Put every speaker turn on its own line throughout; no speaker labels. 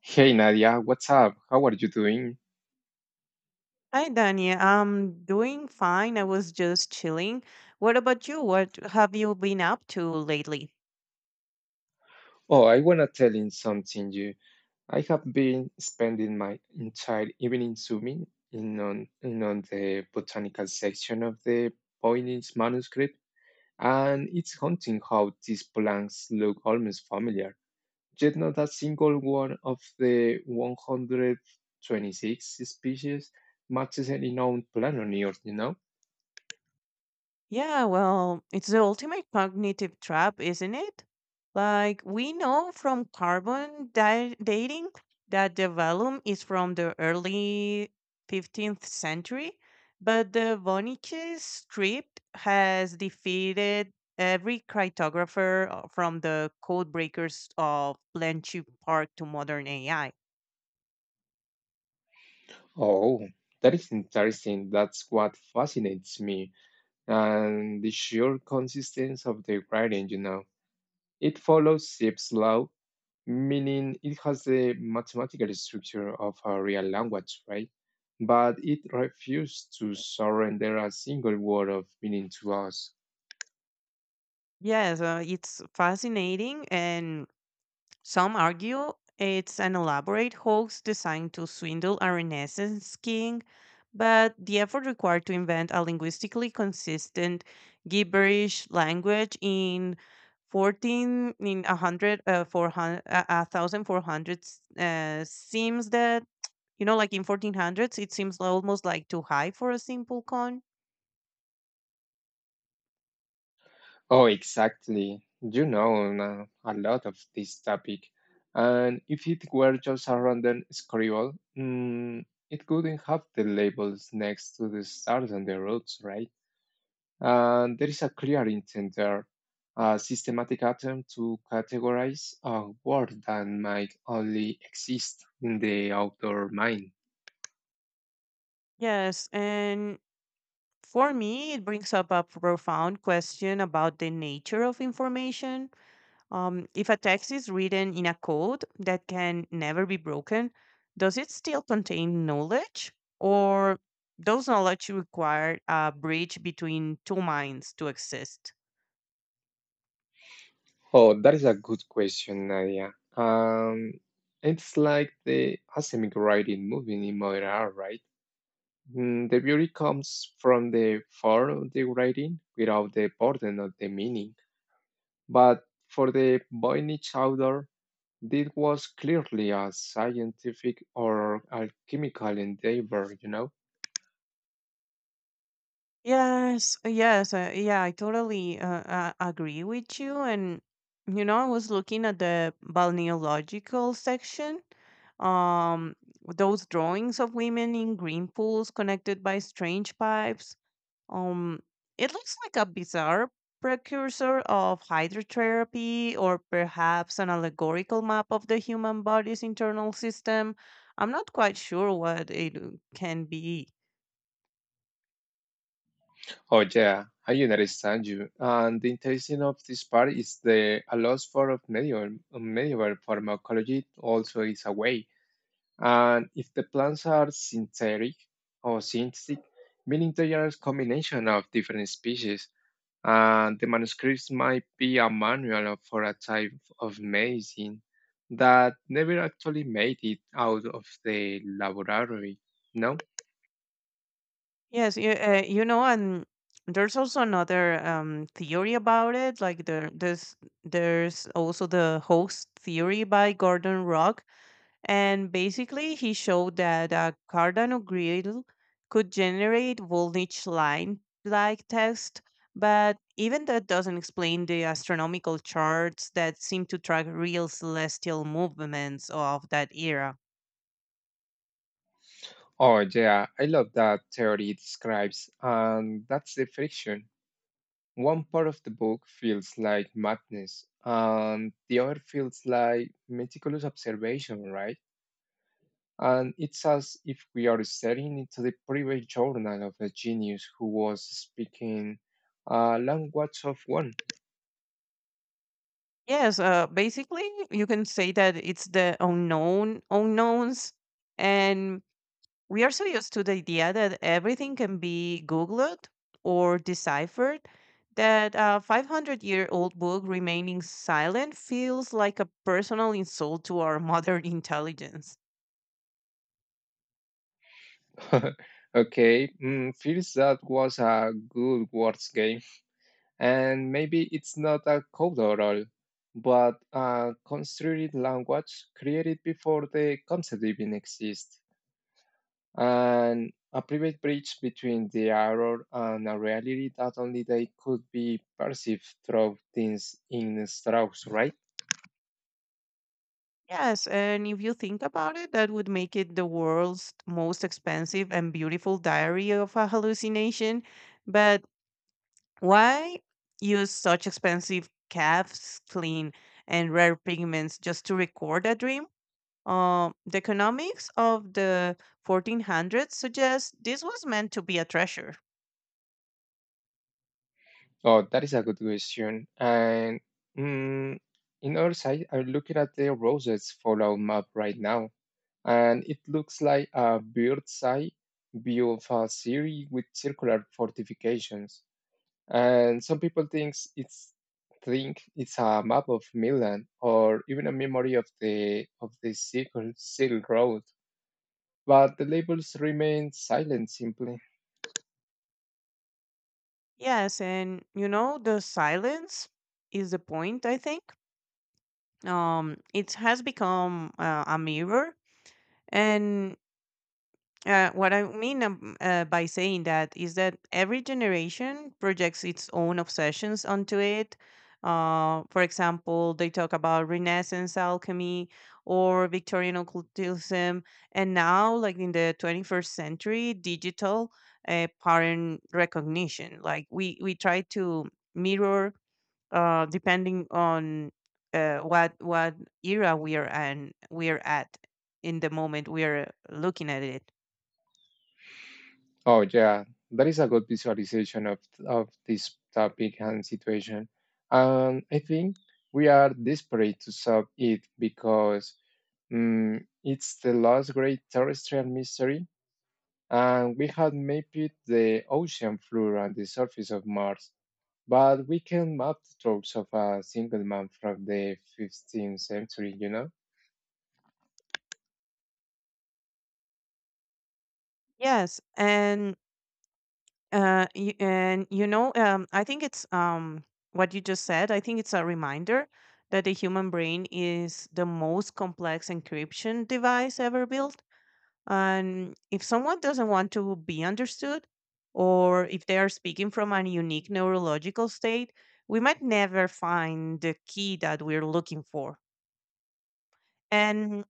Hey Nadia, what's up? How are you doing?
Hi, Dania. I'm doing fine. I was just chilling. What about you? What have you been up to lately?
Oh, I wanna tell you something you. I have been spending my entire evening zooming in on the botanical section of the Voynich manuscript, and it's haunting how these plants look almost familiar, yet not a single one of the 126 species matches any known plant on Earth?
Yeah, well, it's the ultimate cognitive trap, isn't it? Like, we know from dating that the vellum is from the early 15th century, but the Wernicke script has defeated every cryptographer from the codebreakers of Blanchie Park to modern AI.
Oh, that is interesting. That's what fascinates me. And the sheer consistency of the gradient. It follows Zipf's law, meaning it has the mathematical structure of a real language, right? But it refuses to surrender a single word of meaning to us.
Yes, it's fascinating, and some argue it's an elaborate hoax designed to swindle a Renaissance king, but the effort required to invent a linguistically consistent gibberish language in 14 in 100 uh, 400 uh, 1400 seems that, in 1400s it seems almost too high for a simple con.
Oh, exactly. You know a lot of this topic. And if it were just a random scribble, it couldn't have the labels next to the stars and the roads, right? There is a clear intent there, a systematic attempt to categorize a world that might only exist in the outdoor mind.
Yes and For me, it brings up a profound question about the nature of information. If a text is written in a code that can never be broken, does it still contain knowledge? Or does knowledge require a bridge between two minds to exist?
Oh, that is a good question, Nadia. Um, it's like the asemic writing moving in modern art, right? The beauty comes from the form of the writing without the burden of the meaning. But for the boy niche outdoor, this was clearly a scientific or alchemical endeavor?
Yes, yeah, I totally agree with you. And you know, I was looking at the balneological section. Um, those drawings of women in green pools connected by strange pipes. Um, it looks like a bizarre precursor of hydrotherapy, or perhaps an allegorical map of the human body's internal system. I'm not quite sure what it can be.
Oh, yeah, I understand you. And the interesting of this part is the a loss for of medieval pharmacology also is a way. And if the plants are synthetic or synthetic, meaning they are a combination of different species, and the manuscripts might be a manual for a type of medicine that never actually made it out of the laboratory. No?
You know, and there's also another theory about it. Like there's also the host theory by Gordon Rock, and basically he showed that a Cardano grid could generate voltage line like text, but even that doesn't explain the astronomical charts that seem to track real celestial movements of that era.
Oh, yeah, I love that theory it describes, and that's the friction. One part of the book feels like madness, and the other feels like meticulous observation, right? And it's as if we are staring into the private journal of a genius who was speaking a language of one.
Yes, Basically, you can say that it's the unknown unknowns. And we are so used to the idea that everything can be Googled or deciphered that a 500-year-old book remaining silent feels like a personal insult to our modern intelligence.
Okay, feels that was a good words game, and maybe it's not a code at all, but a constructed language created before the concept even exists. And a private bridge between the error and a reality that only they could be perceived through things in Strauss, right?
Yes, and if you think about it, that would make it the world's most expensive and beautiful diary of a hallucination. But why use such expensive calves clean and rare pigments just to record a dream? The economics of the 1400s suggests this was meant to be a treasure.
Oh, that is a good question. And mm, in our side, I'm looking at the Roses Fallout map right now, and it looks like a bird's eye view of a city with circular fortifications. And some people think it's a map of Milan or even a memory of the Silk Road, but the labels remain silent simply.
Yes, and you know, the silence is the point, I think. It has become a mirror, and what I mean, by saying that, is that every generation projects its own obsessions onto it. For example, they talk about Renaissance alchemy or Victorian occultism, and now, like in the 21st century, digital pattern recognition. Like we try to mirror depending on what era we are and we are at in the moment we are looking at it.
Oh yeah, that is a good visualization of this topic and situation, and I think we are desperate to solve it because it's the last great terrestrial mystery, and we have mapped the ocean floor and the surface of Mars. But we can map the strokes of a single man from the 15th century?
Yes, and you know, I think it's, what you just said. I think it's a reminder that the human brain is the most complex encryption device ever built. And if someone doesn't want to be understood, or if they are speaking from a unique neurological state, we might never find the key that we're looking for. And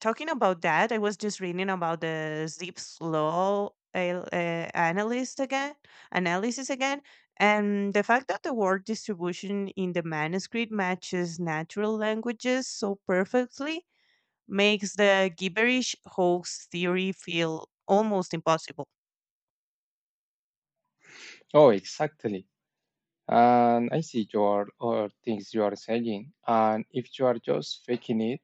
talking about that, I was just reading about the Zipf's law uh, uh, analyst again, analysis again, and the fact that the word distribution in the manuscript matches natural languages so perfectly makes the gibberish hoax theory feel almost impossible.
Oh, exactly. And I see your all things you are saying. And if you are just faking it,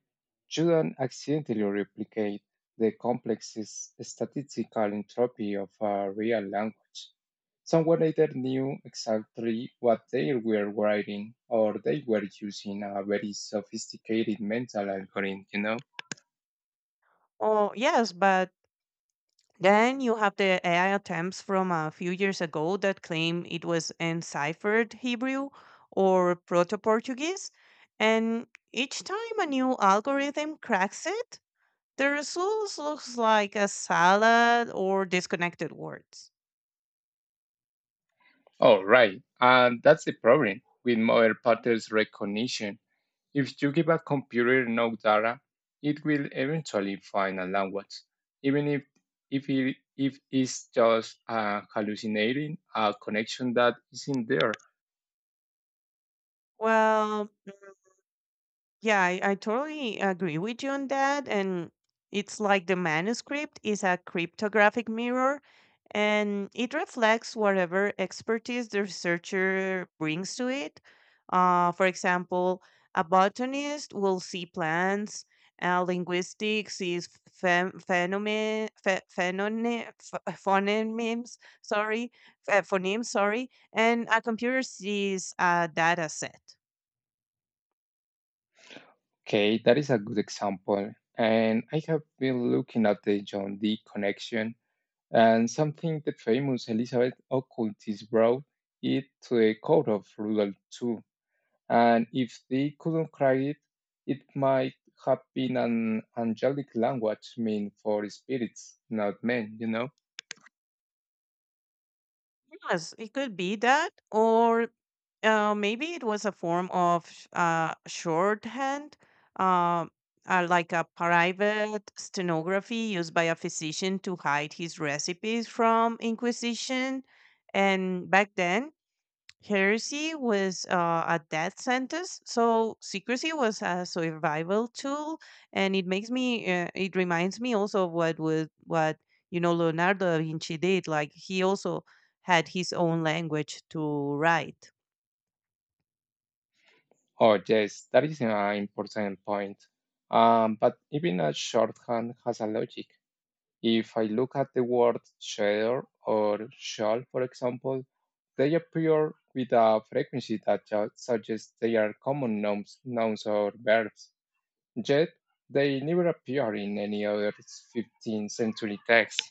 you don't accidentally replicate the complex statistical entropy of a real language. Someone either knew exactly what they were writing or they were using a very sophisticated mental algorithm?
Oh yes, but then you have the AI attempts from a few years ago that claim it was enciphered Hebrew or Proto Portuguese. And each time a new algorithm cracks it, the results looks like a salad or disconnected words.
Oh, right. And that's the problem with model patterns recognition. If you give a computer no data, it will eventually find a language, even if it's just hallucinating a connection that isn't there.
Well, yeah, I totally agree with you on that. And it's like the manuscript is a cryptographic mirror and it reflects whatever expertise the researcher brings to it. For example, a botanist will see plants, a linguistic sees phen- phenomen, phe- phenone, ph- phonemes, sorry, sorry, and a computer sees a data set.
Okay, that is a good example. And I have been looking at the John Dee connection and something the famous Elizabeth Occultist brought it to the court of Rudolf II and if they couldn't crack it, it might have been an angelic language meant for spirits, not men?
Yes, it could be that, or maybe it was a form of shorthand, um, like a private stenography used by a physician to hide his recipes from Inquisition. And back then, heresy was a death sentence, so secrecy was a survival tool, and it makes me. It reminds me also of what would what you know Leonardo da Vinci did. Like he also had his own language to write.
Oh, yes, that is an important point. But even a shorthand has a logic. If I look at the word share or shall, for example, they appear with a frequency that suggests they are common nouns or verbs. Yet, they never appear in any other 15th century text.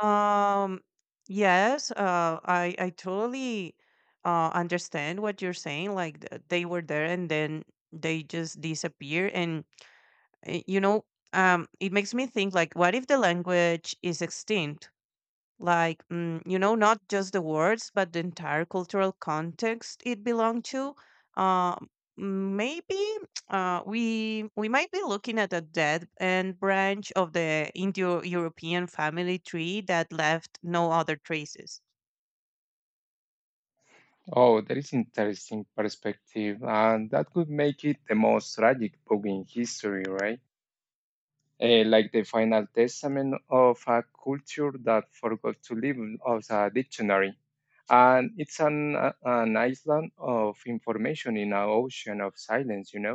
Um. Yes. I totally, understand what you're saying. Like they were there, and then they just disappear, and you know, it makes me think like, what if the language is extinct? Like, you know, not just the words, but the entire cultural context it belonged to. Uh, Maybe we might be looking at a dead end branch of the Indo-European family tree that left no other traces.
Oh, that is interesting perspective, and that could make it the most tragic book in history, right? Like the final testament of a culture that forgot to live as a dictionary. And it's an island of information in an ocean of silence?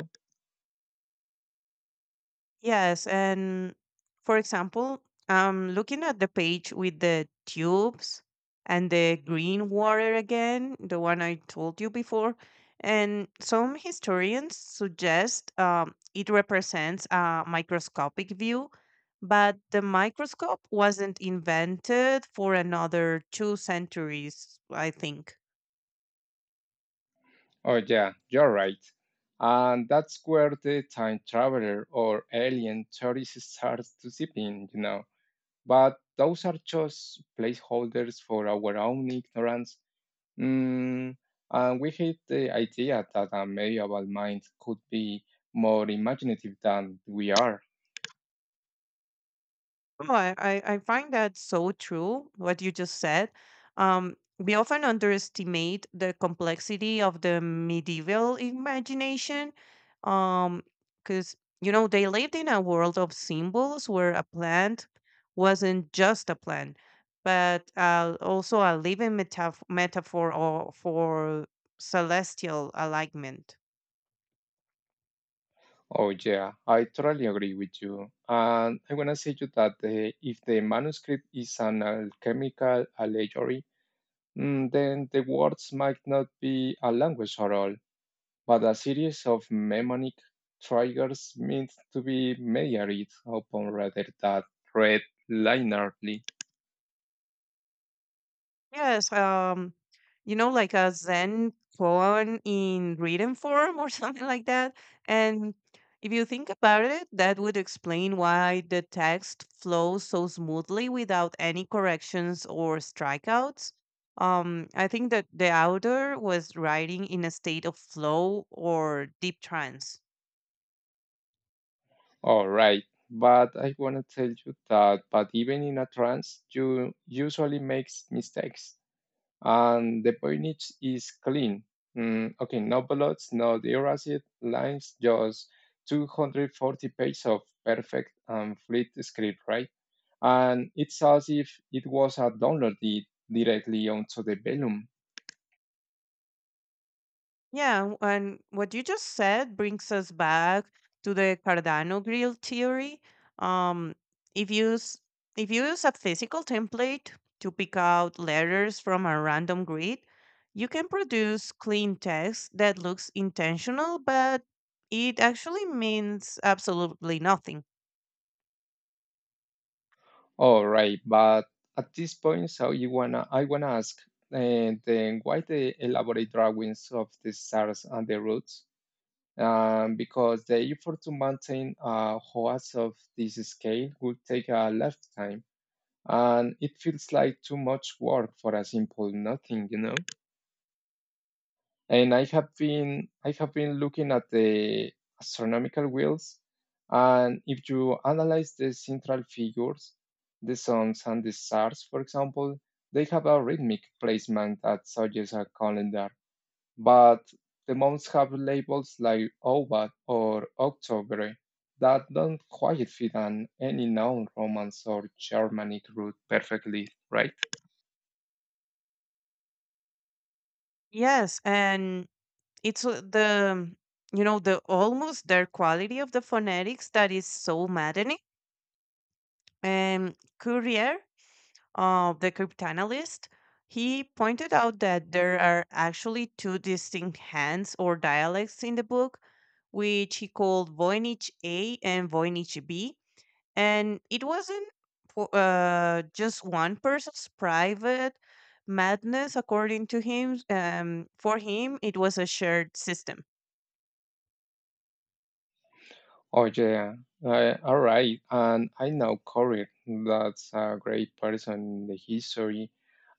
Yes, and for example, looking at the page with the tubes and the green water again, the one I told you before, and some historians suggest it represents a microscopic view, but the microscope wasn't invented for another 2 centuries, I think.
Oh, yeah, you're right. And that's where the time traveler or alien tourist starts to sip in? But those are just placeholders for our own ignorance. Mm, and we hate the idea that a medieval mind could be more imaginative than we are.
No, I find that so true, what you just said. We often underestimate the complexity of the medieval imagination. Um, because, you know, they lived in a world of symbols where a plant wasn't just a plant, but also a living metaf metaphor or for celestial alignment.
Oh, yeah, I totally agree with you. And I want to say to you that if the manuscript is an alchemical allegory, then the words might not be a language at all. But a series of mnemonic triggers meant to be measured upon rather than read linearly.
Yes, you know, like a Zen koan in written form or something like that. And if you think about it, that would explain why the text flows so smoothly without any corrections or strikeouts. I think that the author was writing in a state of flow or deep trance.
All right, but I want to tell you that, but even in a trance, you usually make mistakes. And the drainage is clean. Mm, okay, no blots, no dearacid lines, just 240 pages of perfect and fleet script, right? And it's as if it was a downloaded directly onto the Vellum.
Yeah, and what you just said brings us back to the Cardano grill theory. Um, if you s- if you use a physical template to pick out letters from a random grid, you can produce clean text that looks intentional, but it actually means absolutely nothing.
All right, but at this point, so I wanna ask, then why the elaborate drawings of the stars and the roots? Because the effort to maintain hours of this scale would take a lifetime. And it feels like too much work for a simple nothing. And I have been looking at the astronomical wheels, and if you analyze the central figures, the suns and the stars, for example, they have a rhythmic placement that suggests a calendar. But the months have labels like Obat or October that don't quite fit on any known Romance or Germanic root perfectly, right?
Yes, and it's the you know, the almost their quality of the phonetics that is so maddening. And Courier of the cryptanalyst, he pointed out that there are actually two distinct hands or dialects in the book, which he called Voynich A and Voynich B. And it wasn't for, just one person's private madness, according to him. For him, it was a shared system.
Oh yeah, all right. And I know Corey. That's a great person in the history.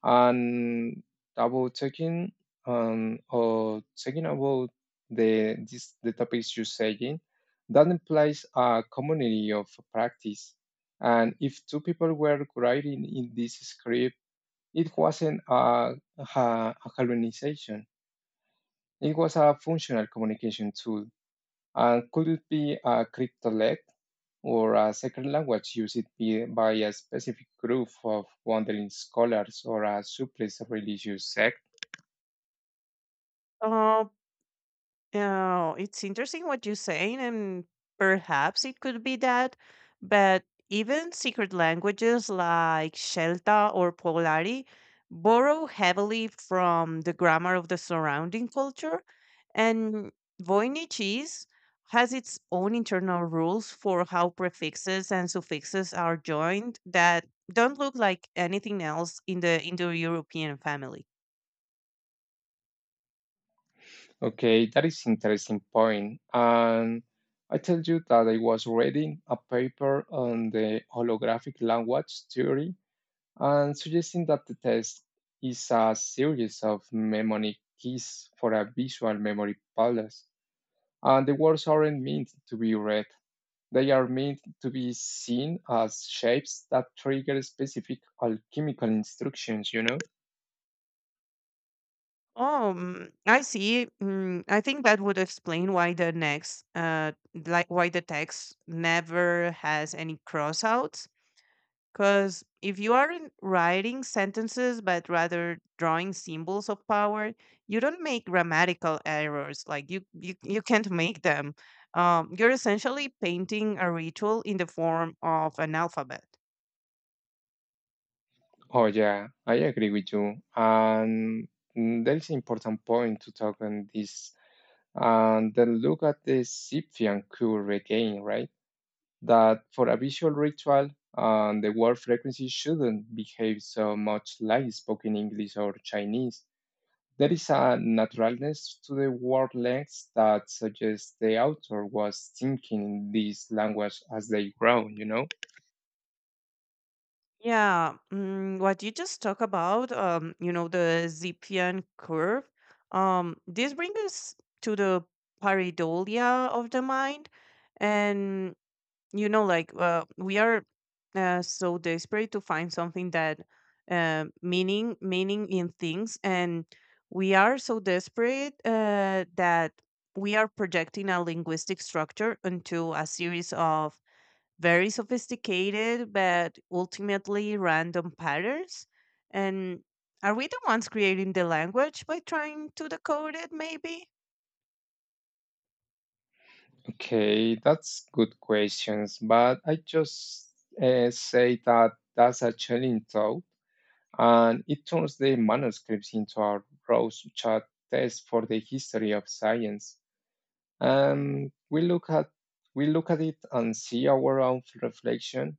And about talking about the topics you're saying, that implies a community of practice. And if two people were writing in this script, it wasn't a colonization. It was a functional communication tool. And could it be a cryptolect, or a second language used by a specific group of wandering scholars or a suppressed religious sect.
Uh, Oh, it's interesting what you're saying, and perhaps it could be that, but even secret languages like Shelta or Polari borrow heavily from the grammar of the surrounding culture, and Voynichese has its own internal rules for how prefixes and suffixes are joined that don't look like anything else in the Indo-European family.
Okay, that is interesting point. And I tell you that I was reading a paper on the holographic language theory and suggesting that the test is a series of mnemonic keys for a visual memory palace. And the words aren't meant to be read. They are meant to be seen as shapes that trigger specific alchemical instructions?
Oh, I see. I think that would explain why the next, why the text never has any crossouts. Because if you aren't writing sentences, but rather drawing symbols of power, you don't make grammatical errors. Like you can't make them. You're essentially painting a ritual in the form of an alphabet.
Oh, yeah, I agree with you. And there is an important point to talk on this. And then look at the Cyphian curve again, right? That for a visual ritual, the word frequency shouldn't behave so much like spoken English or Chinese. There is a naturalness to the word lengths that suggests the author was thinking in this language as they grow?
Yeah, what you just talked about, you know, the Zipfian curve, this brings us to the pareidolia of the mind. And, you know, we are so desperate to find something that, meaning in things. And we are so desperate that we are projecting a linguistic structure into a series of very sophisticated, but ultimately random patterns. And are we the ones creating the language by trying to decode it, maybe?
Okay, that's good questions, but I just say that that's a challenging thought, and it turns the manuscripts into a rose Rorschach test for the history of science. We look at it and see our own reflection.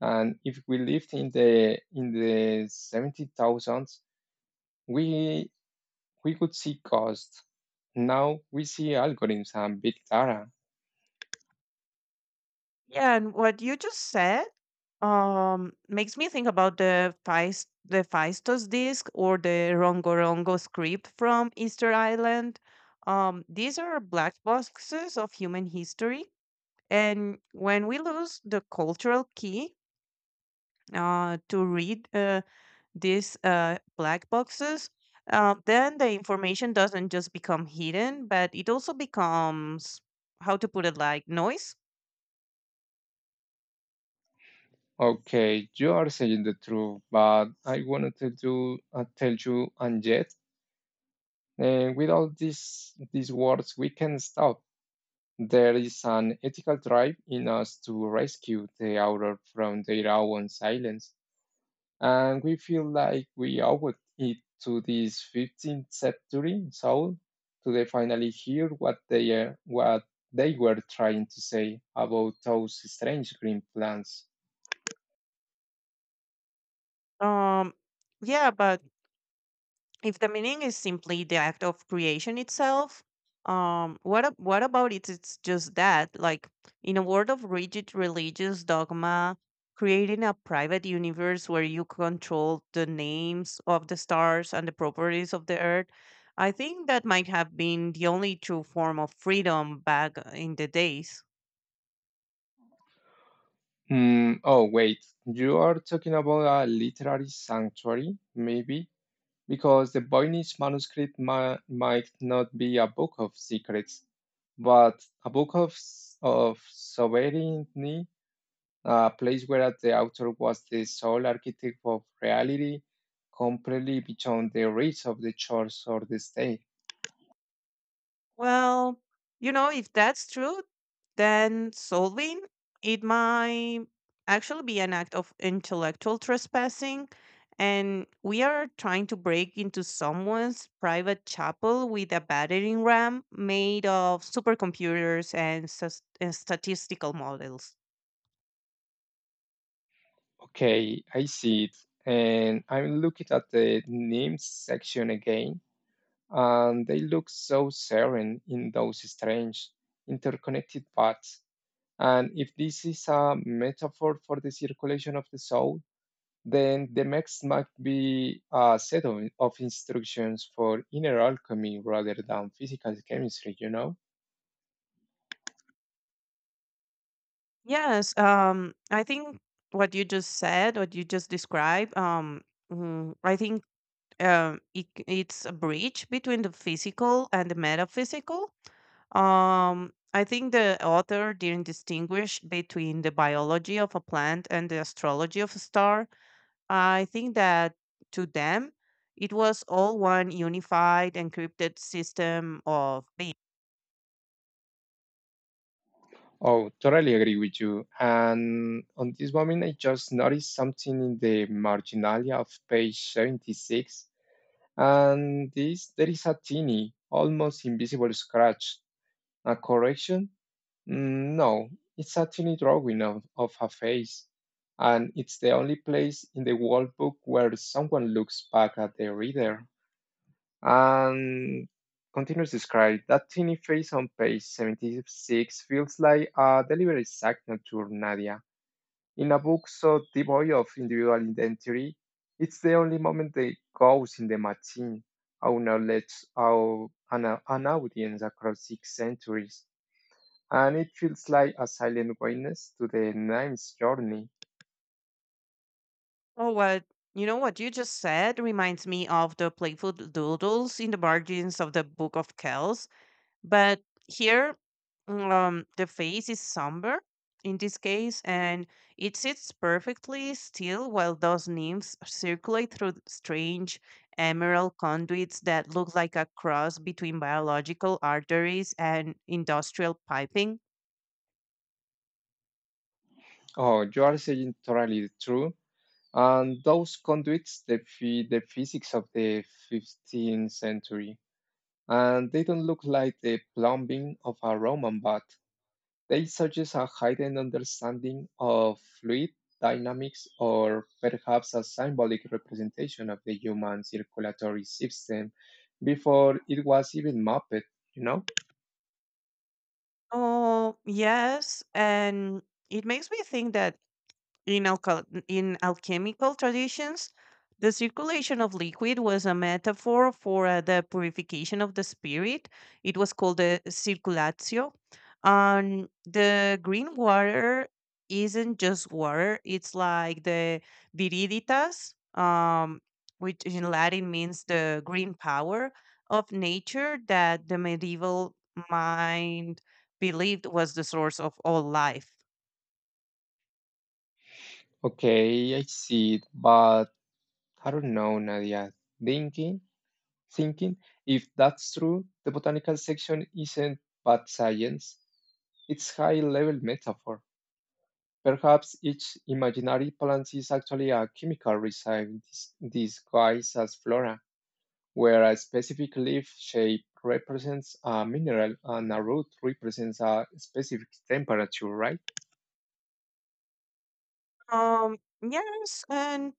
And if we lived in the 70,000s, we we could see cost. Now we see algorithms and big data.
Yeah, and what you just said makes me think about the Feistos disc or the Rongo Rongo script from Easter Island. These are black boxes of human history. And when we lose the cultural key to read these black boxes, then the information doesn't just become hidden, but it also becomes, how to put it, like noise.
Okay, you are saying the truth, but I wanted to do tell you, and yet, with all these words, we can stop. There is an ethical drive in us to rescue the outer from their own silence. And we feel like we owe it to this 15th century soul to they finally hear what they were trying to say about those strange green plants.
Um, yeah, but if the meaning is simply the act of creation itself, what about it, it's just that, like, in a world of rigid religious dogma, creating a private universe where you control the names of the stars and the properties of the earth, I think that might have been the only true form of freedom back in the days.
Hmm, oh wait, you are talking about a literary sanctuary, maybe? Because the Voynich manuscript might not be a book of secrets, but a book of sovereignty, a place where at the author was the sole architect of reality, completely beyond the reach of the church or the state.
Well, you know, if that's true, then solving it might actually be an act of intellectual trespassing. And we are trying to break into someone's private chapel with a battering ram made of supercomputers and, statistical models.
Okay, I see it. And I'm looking at the names section again, and they look so serene in those strange interconnected paths. And if this is a metaphor for the circulation of the soul, then the text might be a set of instructions for inner alchemy rather than physical chemistry?
Yes, I think what you just said, what you just described, I think it's a bridge between the physical and the metaphysical. I think the author didn't distinguish between the biology of a plant and the astrology of a star. I think that to them, it was all one unified, encrypted system of being.
Oh, totally agree with you. And on this moment, I just noticed something in the marginalia of page 76. And there is a tiny, almost invisible scratch, a correction. Mm, no, it's a tiny drawing of a face, and it's the only place in the whole book where someone looks back at the reader. And continues to describe that tiny face on page 76 feels like a deliberate signature, Nadia. In a book so devoid of individual identity, it's the only moment that goes in the machine, our knowledge, an audience across six centuries, and it feels like a silent witness to the name's journey.
Oh, what you know what you just said reminds me of the playful doodles in the margins of the Book of Kells, but here, the face is somber in this case and it sits perfectly still while those nymphs circulate through strange emerald conduits that look like a cross between biological arteries and industrial piping.
Oh, you are saying totally true. And those conduits defy the physics of the 15th century. And they don't look like the plumbing of a Roman bath. They suggest a hidden understanding of fluid dynamics or perhaps a symbolic representation of the human circulatory system before it was even mapped, you know?
Oh yes, and it makes me think that In, alchal in alchemical traditions, the circulation of liquid was a metaphor for the purification of the spirit. It was called the circulatio. And the green water isn't just water, it's like the viriditas, which in Latin means the green power of nature that the medieval mind believed was the source of all life.
Okay, I see it, but I don't know, Nadia. Thinking, thinking, if that's true, the botanical section isn't bad science. It's high-level metaphor. Perhaps each imaginary plant is actually a chemical resin disguised as flora, where a specific leaf shape represents a mineral and a root represents a specific temperature, right?
Um, yes, and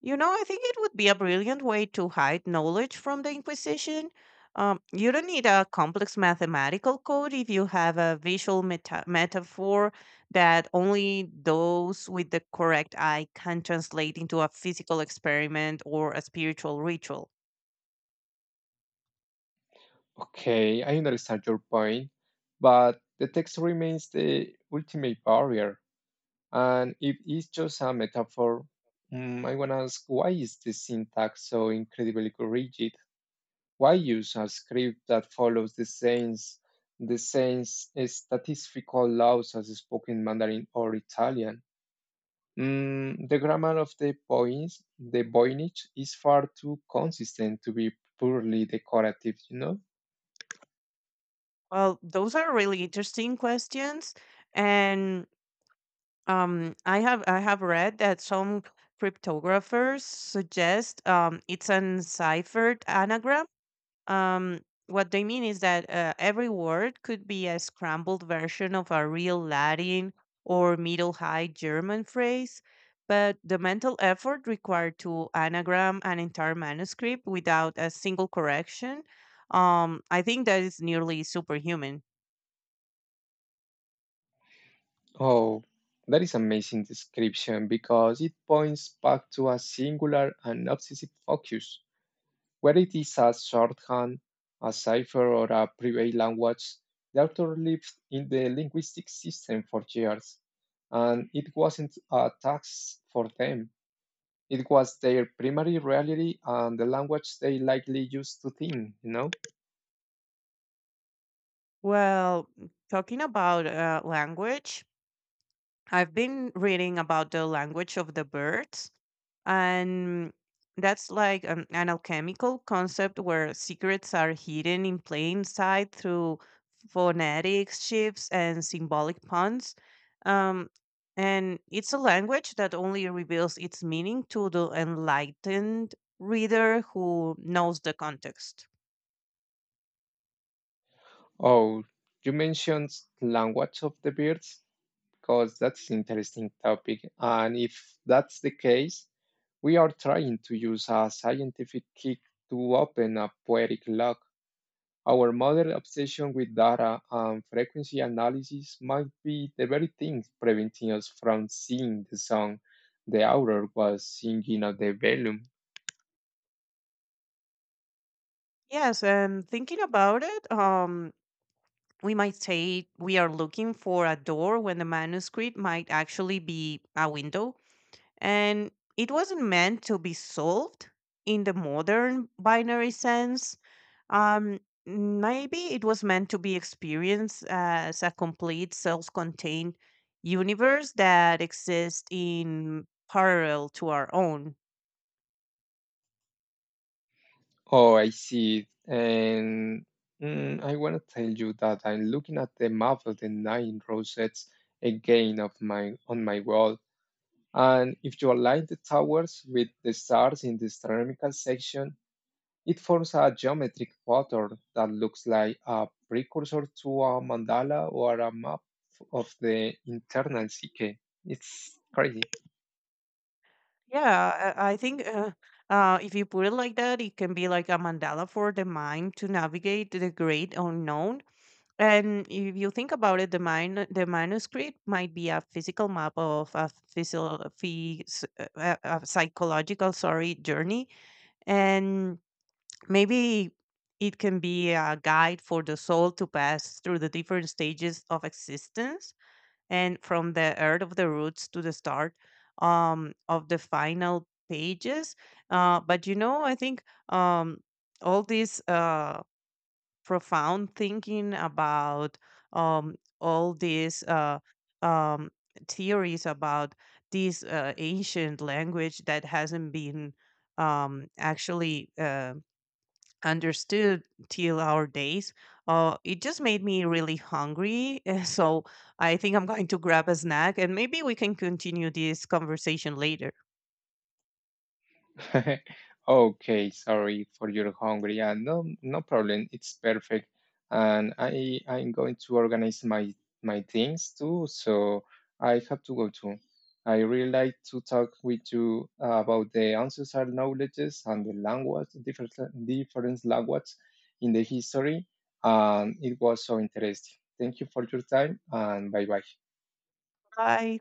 you know, I think it would be a brilliant way to hide knowledge from the Inquisition. You don't need a complex mathematical code if you have a visual metaphor that only those with the correct eye can translate into a physical experiment or a spiritual ritual.
Okay, I understand your point, but the text remains the ultimate barrier. And if it's just a metaphor, I want to ask why is the syntax so incredibly rigid? Why use a script that follows the same statistical laws as spoken Mandarin or Italian? The grammar of the points, the Voynich, is far too consistent to be purely decorative?
Well, those are really interesting questions, and I have read that some cryptographers suggest it's an ciphered anagram. Um, what they mean is that every word could be a scrambled version of a real Latin or Middle High German phrase, but the mental effort required to anagram an entire manuscript without a single correction, I think that is nearly superhuman.
Oh, that is amazing description because it points back to a singular and obsessive focus, whether it is a shorthand, a cipher, or a private language. The author lived in the linguistic system for years, and it wasn't a tax for them. It was their primary reality and the language they likely used to think?
Well, talking about language, I've been reading about the language of the birds, and that's like an alchemical concept where secrets are hidden in plain sight through phonetics, shifts, and symbolic puns. Um, and it's a language that only reveals its meaning to the enlightened reader who knows the context.
Oh, you mentioned language of the birds. Because that's interesting topic. And if that's the case, we are trying to use a scientific kick to open a poetic lock. Our modern obsession with data and frequency analysis might be the very thing preventing us from seeing the song the author was singing at the volume.
Yes, and thinking about it, we might say we are looking for a door when the manuscript might actually be a window, and it wasn't meant to be solved in the modern binary sense. Um, Maybe it was meant to be experienced as a complete self contained universe that exists in parallel to our own.
Oh, I see it. And I want to tell you that I'm looking at the map of the nine rosettes again of my on my wall. And if you align the towers with the stars in the astronomical section, it forms a geometric pattern that looks like a precursor to a mandala or a map of the internal psyche. It's crazy.
Yeah, I think. If you put it like that, it can be like a mandala for the mind to navigate the great unknown. And if you think about it, the manuscript might be a physical map of a psychological, sorry, journey, and maybe it can be a guide for the soul to pass through the different stages of existence, and from the earth of the roots to the start of the final pages. But you know, I think um, all these. Profound thinking about, all these um, theories about this ancient language that hasn't been, actually understood till our days. It just made me really hungry. So I think I'm going to grab a snack and maybe we can continue this conversation later.
Okay, sorry for your hunger. Yeah, no, no problem. It's perfect. And I'm going to organize my things too, so I have to go too. I really like to talk with you about the ancestral knowledges and the language, different language in the history. And it was so interesting. Thank you for your time and bye bye.
Bye.